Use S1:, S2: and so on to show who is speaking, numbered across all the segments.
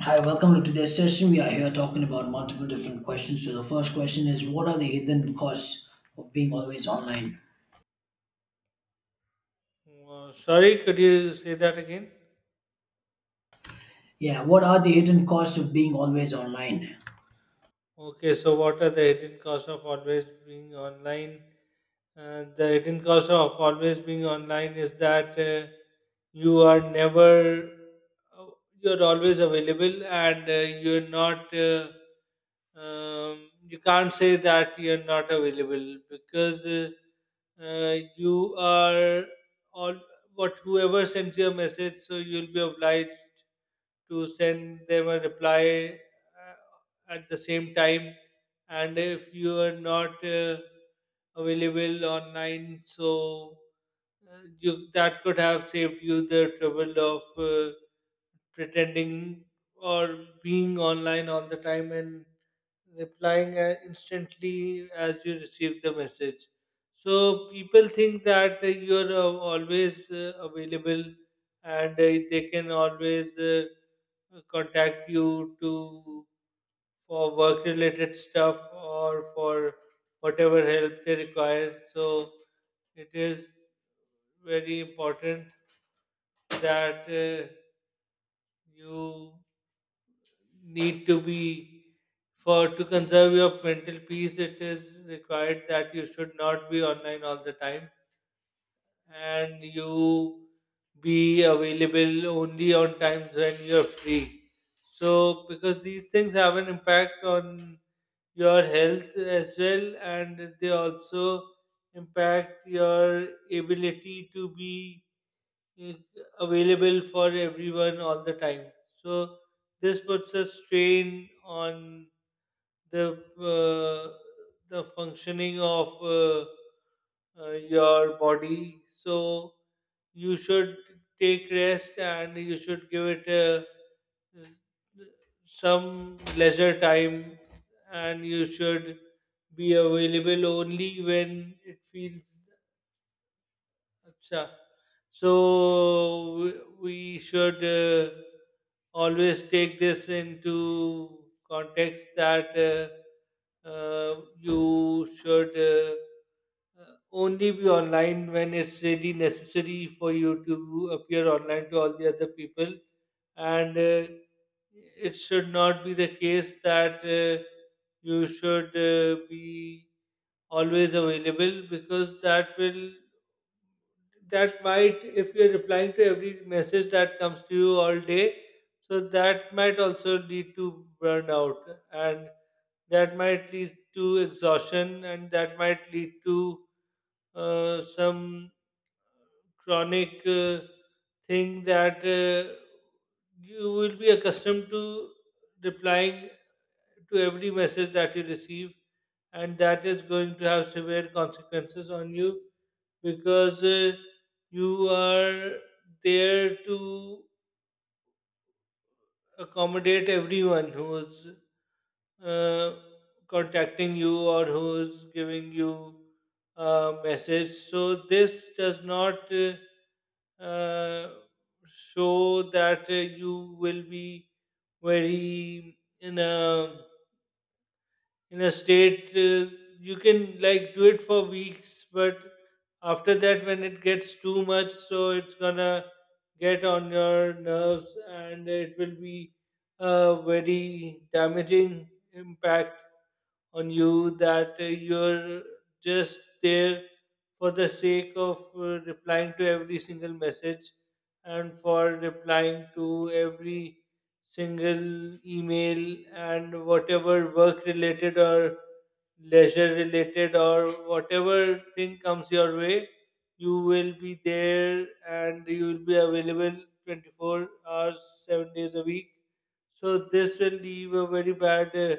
S1: Hi, welcome to today's session. We are here talking about multiple different questions. So, the first question is, what are the hidden costs of being always online?
S2: Wow, sorry, could you say that again?
S1: Yeah, what are the hidden costs of being always online?
S2: Okay, so what are the hidden costs of always being online? The hidden cost of always being online is that you are never you're always available and you can't say that you're not available because you are all what whoever sends you a message, so you'll be obliged to send them a reply at the same time. And if you are not available online, so you, that could have saved you the trouble of pretending or being online all the time and replying instantly as you receive the message. So people think that you're always available, and they can always contact you to for work related stuff or for whatever help they require. So it is very important that you need to be, for to conserve your mental peace, it is required that you should not be online all the time, and you be available only on times when you're free. So, because these things have an impact on your health as well, and they also impact your ability to be i- available for everyone all the time. So this puts a strain on the uh, the functioning of uh, your body. So you should take rest and you should give it a, some leisure time, and you should be available only when it feels Acha. So we we should always take this into context that uh, you should uh, only be online when it's really necessary for you to appear online to all the other people. And it should not be the case that you should be always available, because that might, if you're replying to every message that comes to you all day, so that might also lead to burnout, and that might lead to exhaustion, and that might lead to some chronic thing, that you will be accustomed to replying to every message that you receive, and that is going to have severe consequences on you because you are there to accommodate everyone who's uh, contacting you or who's giving you a message. So this does not uh, show that you will be very in a state, you can like do it for weeks, but after that when it gets too much, so it's gonna get on your nerves and it will be a very damaging impact on you, that you're just there for the sake of replying to every single message, and for replying to every single email and whatever work related or leisure related or whatever thing comes your way, you will be there and you will be available 24 hours, 7 days a week. So this will leave a very bad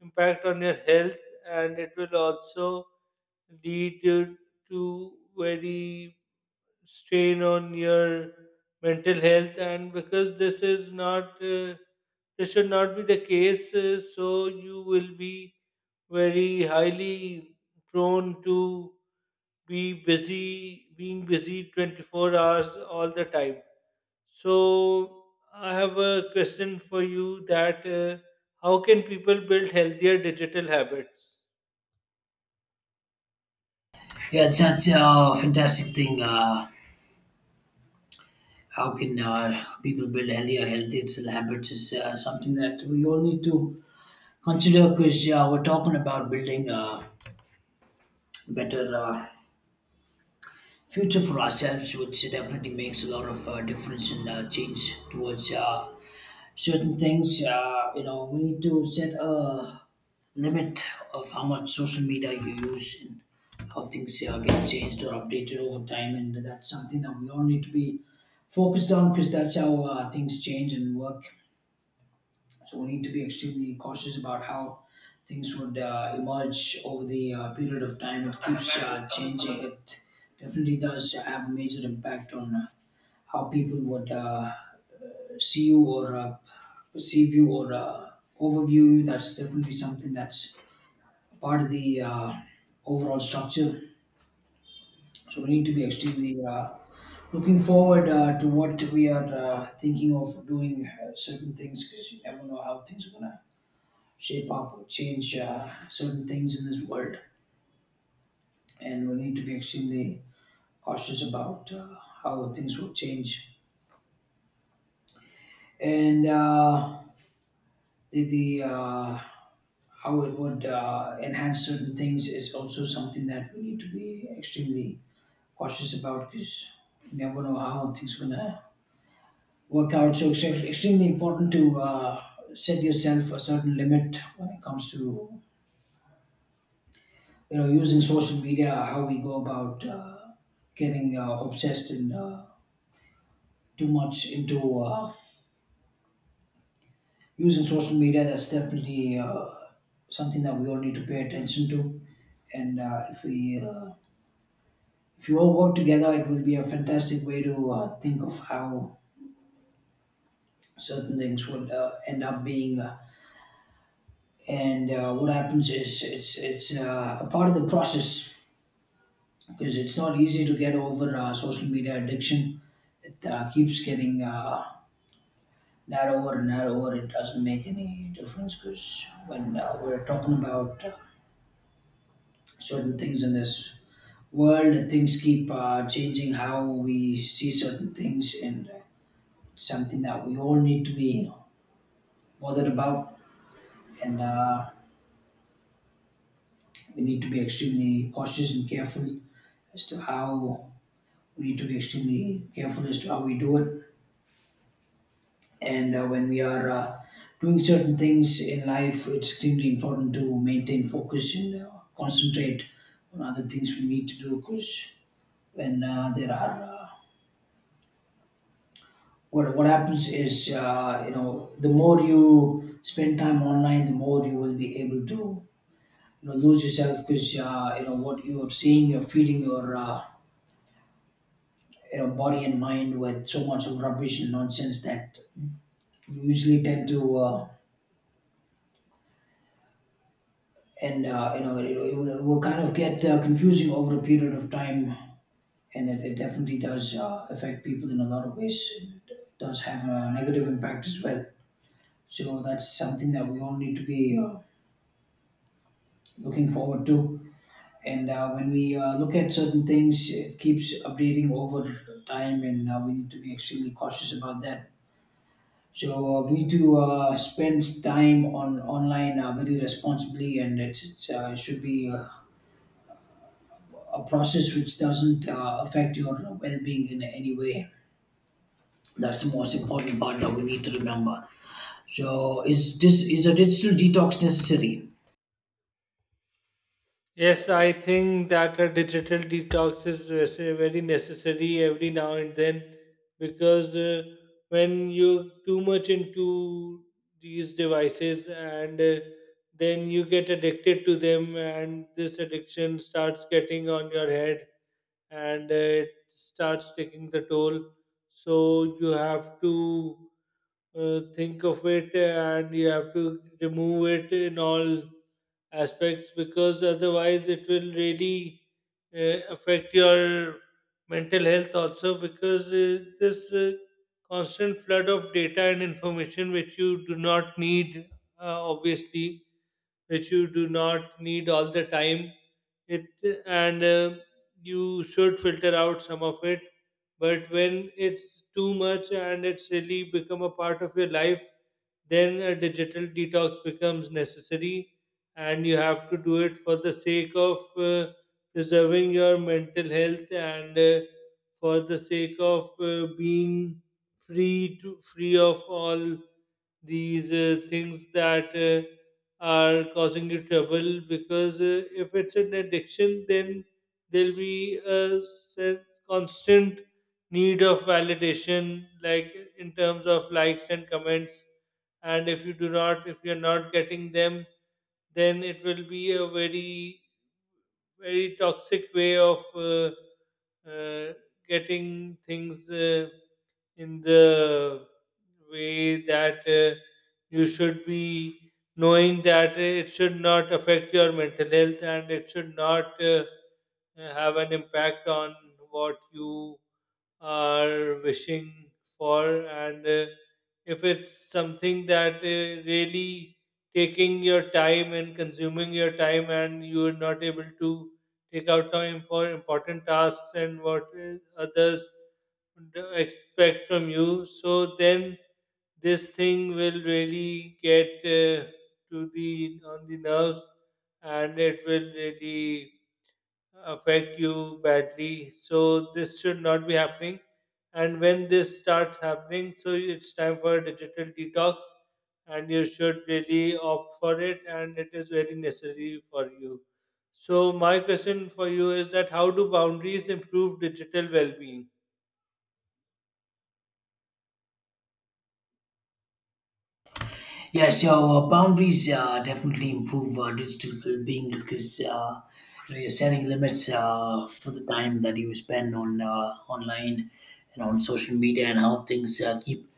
S2: impact on your health, and it will also lead you to very strain on your mental health. And because this is not this should not be the case, so you will be very highly prone to be busy being busy 24 hours all the time. So I have a question for you that how can people build healthier digital habits?
S1: Yeah, it's such a fantastic thing. How can people build healthier, digital habits is something that we all need to consider because we're talking about building a better future for ourselves, which definitely makes a lot of difference and change towards. Certain things, you know, we need to set a limit of how much social media you use and how things get changed or updated over time, and that's something that we all need to be focused on because that's how things change and work. So we need to be extremely cautious about how things would emerge over the period of time. It keeps changing. It definitely does have a major impact on how people would see you or perceive you or overview you. That's definitely something that's a part of the overall structure. So we need to be extremely looking forward to what we are thinking of doing certain things, because you never know how things are gonna shape up or change certain things in this world, and we need to be extremely cautious about how things will change. And the How it would enhance certain things is also something that we need to be extremely cautious about, because you never know how things are going to work out. So it's extremely important to set yourself a certain limit when it comes to, you know, using social media, how we go about getting obsessed and too much into using social media. That's definitely something that we all need to pay attention to. And if we If you all work together, it will be a fantastic way to think of how certain things would end up being. And What happens is, it's a part of the process, because it's not easy to get over social media addiction. It keeps getting narrower and narrower. It doesn't make any difference because when we're talking about certain things in this world, things keep changing how we see certain things, and it's something that we all need to be bothered about, and we need to be extremely cautious and careful as to how we need to be extremely careful as to how we do it. And when we are doing certain things in life, it's extremely important to maintain focus and concentrate on other things we need to do. Because when there are what happens is, you know, the more you spend time online, the more you will be able to, you know, lose yourself, because you know, what you're seeing, you're feeding your you know, body and mind with so much of rubbish and nonsense that you usually tend to, and you know, it will kind of get confusing over a period of time, and it definitely does affect people in a lot of ways. It does have a negative impact as well. So that's something that we all need to be looking forward to. And when we look at certain things, it keeps updating over time, and we need to be extremely cautious about that. So we need to spend time on online very responsibly, and it should be a process which doesn't affect your well-being in any way. That's the most important part that we need to remember. So is this, is a digital detox necessary?
S2: Yes, I think that a digital detox is very necessary every now and then, because when you're too much into these devices and then you get addicted to them, and this addiction starts getting on your head, and it starts taking the toll. So you have to think of it, and you have to remove it in all aspects, because otherwise it will really affect your mental health also, because this constant flood of data and information which you do not need, obviously, which you do not need all the time, it and you should filter out some of it, but when it's too much and it's really become a part of your life, then a digital detox becomes necessary, and you have to do it for the sake of preserving your mental health, and for the sake of being free of all these things that are causing you trouble. Because if it's an addiction, then there'll be a constant need of validation, like in terms of likes and comments, and if you do not, if you're not getting them, then it will be a very very toxic way of uh, getting things. In the way that you should be knowing that it should not affect your mental health, and it should not have an impact on what you are wishing for. And if it's something that really taking your time and consuming your time, and you are not able to take out time for important tasks and what others expect from you, so then this thing will really get to the on the nerves, and it will really affect you badly. So this should not be happening. And when this starts happening, so it's time for a digital detox, and you should really opt for it, and it is very necessary for you. So my question for you is that how do boundaries improve digital well-being?
S1: Yeah, so boundaries definitely improve digital well-being, because you know, you're setting limits for the time that you spend on online and on social media, and how things keep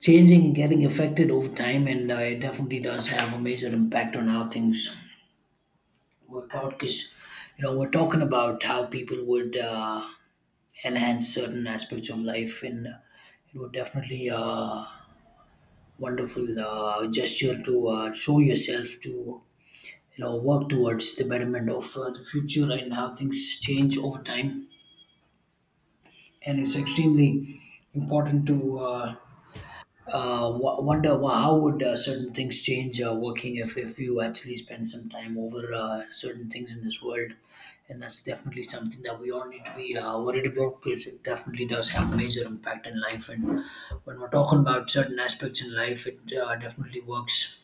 S1: changing and getting affected over time. And it definitely does have a major impact on how things work out, because you know, we're talking about how people would enhance certain aspects of life, and it would definitely wonderful gesture to show yourself to, you know, work towards the betterment of the future and how things change over time. And it's extremely important to wonder, well, how would certain things change working if you actually spend some time over certain things in this world. And that's definitely something that we all need to be worried about, because it definitely does have a major impact in life. And when we're talking about certain aspects in life, it definitely works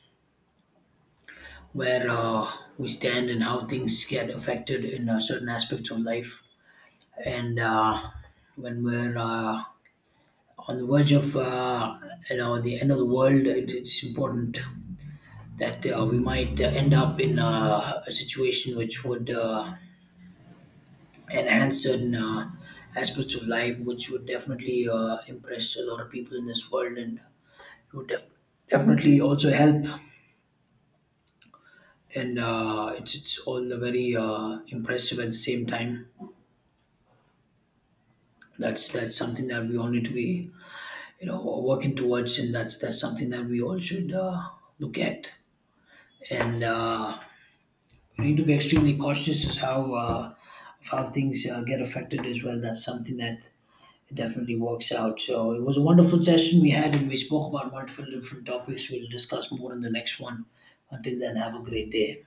S1: where we stand and how things get affected in certain aspects of life. And when we're on the verge of you know, the end of the world, it's important that we might end up in a situation which would enhance certain aspects of life, which would definitely impress a lot of people in this world, and would definitely also help. And it's all very impressive at the same time. That's something that we all need to be, you know, working towards, and that's something that we all should look at. And we need to be extremely cautious as how of how things get affected as well. That's something that definitely works out. So it was a wonderful session we had, and we spoke about multiple different topics. We'll discuss more in the next one. Until then, have a great day.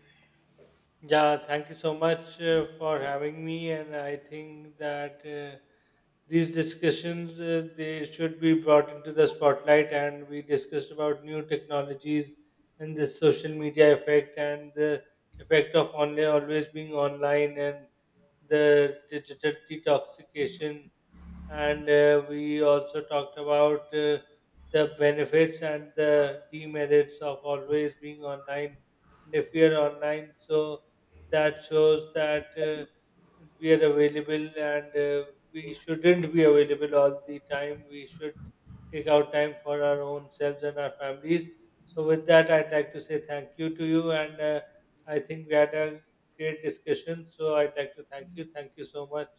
S2: Yeah, thank you so much for having me. And I think that these discussions they should be brought into the spotlight. And we discussed about new technologies and the social media effect, and the effect of online, always being online, and the digital detoxification, and we also talked about the benefits and the demerits of always being online. And if we are online, so that shows that we are available, and we shouldn't be available all the time, we should take out time for our own selves and our families. So with that, I'd like to say thank you to you. And I think we had a great discussion, so I'd like to thank you so much.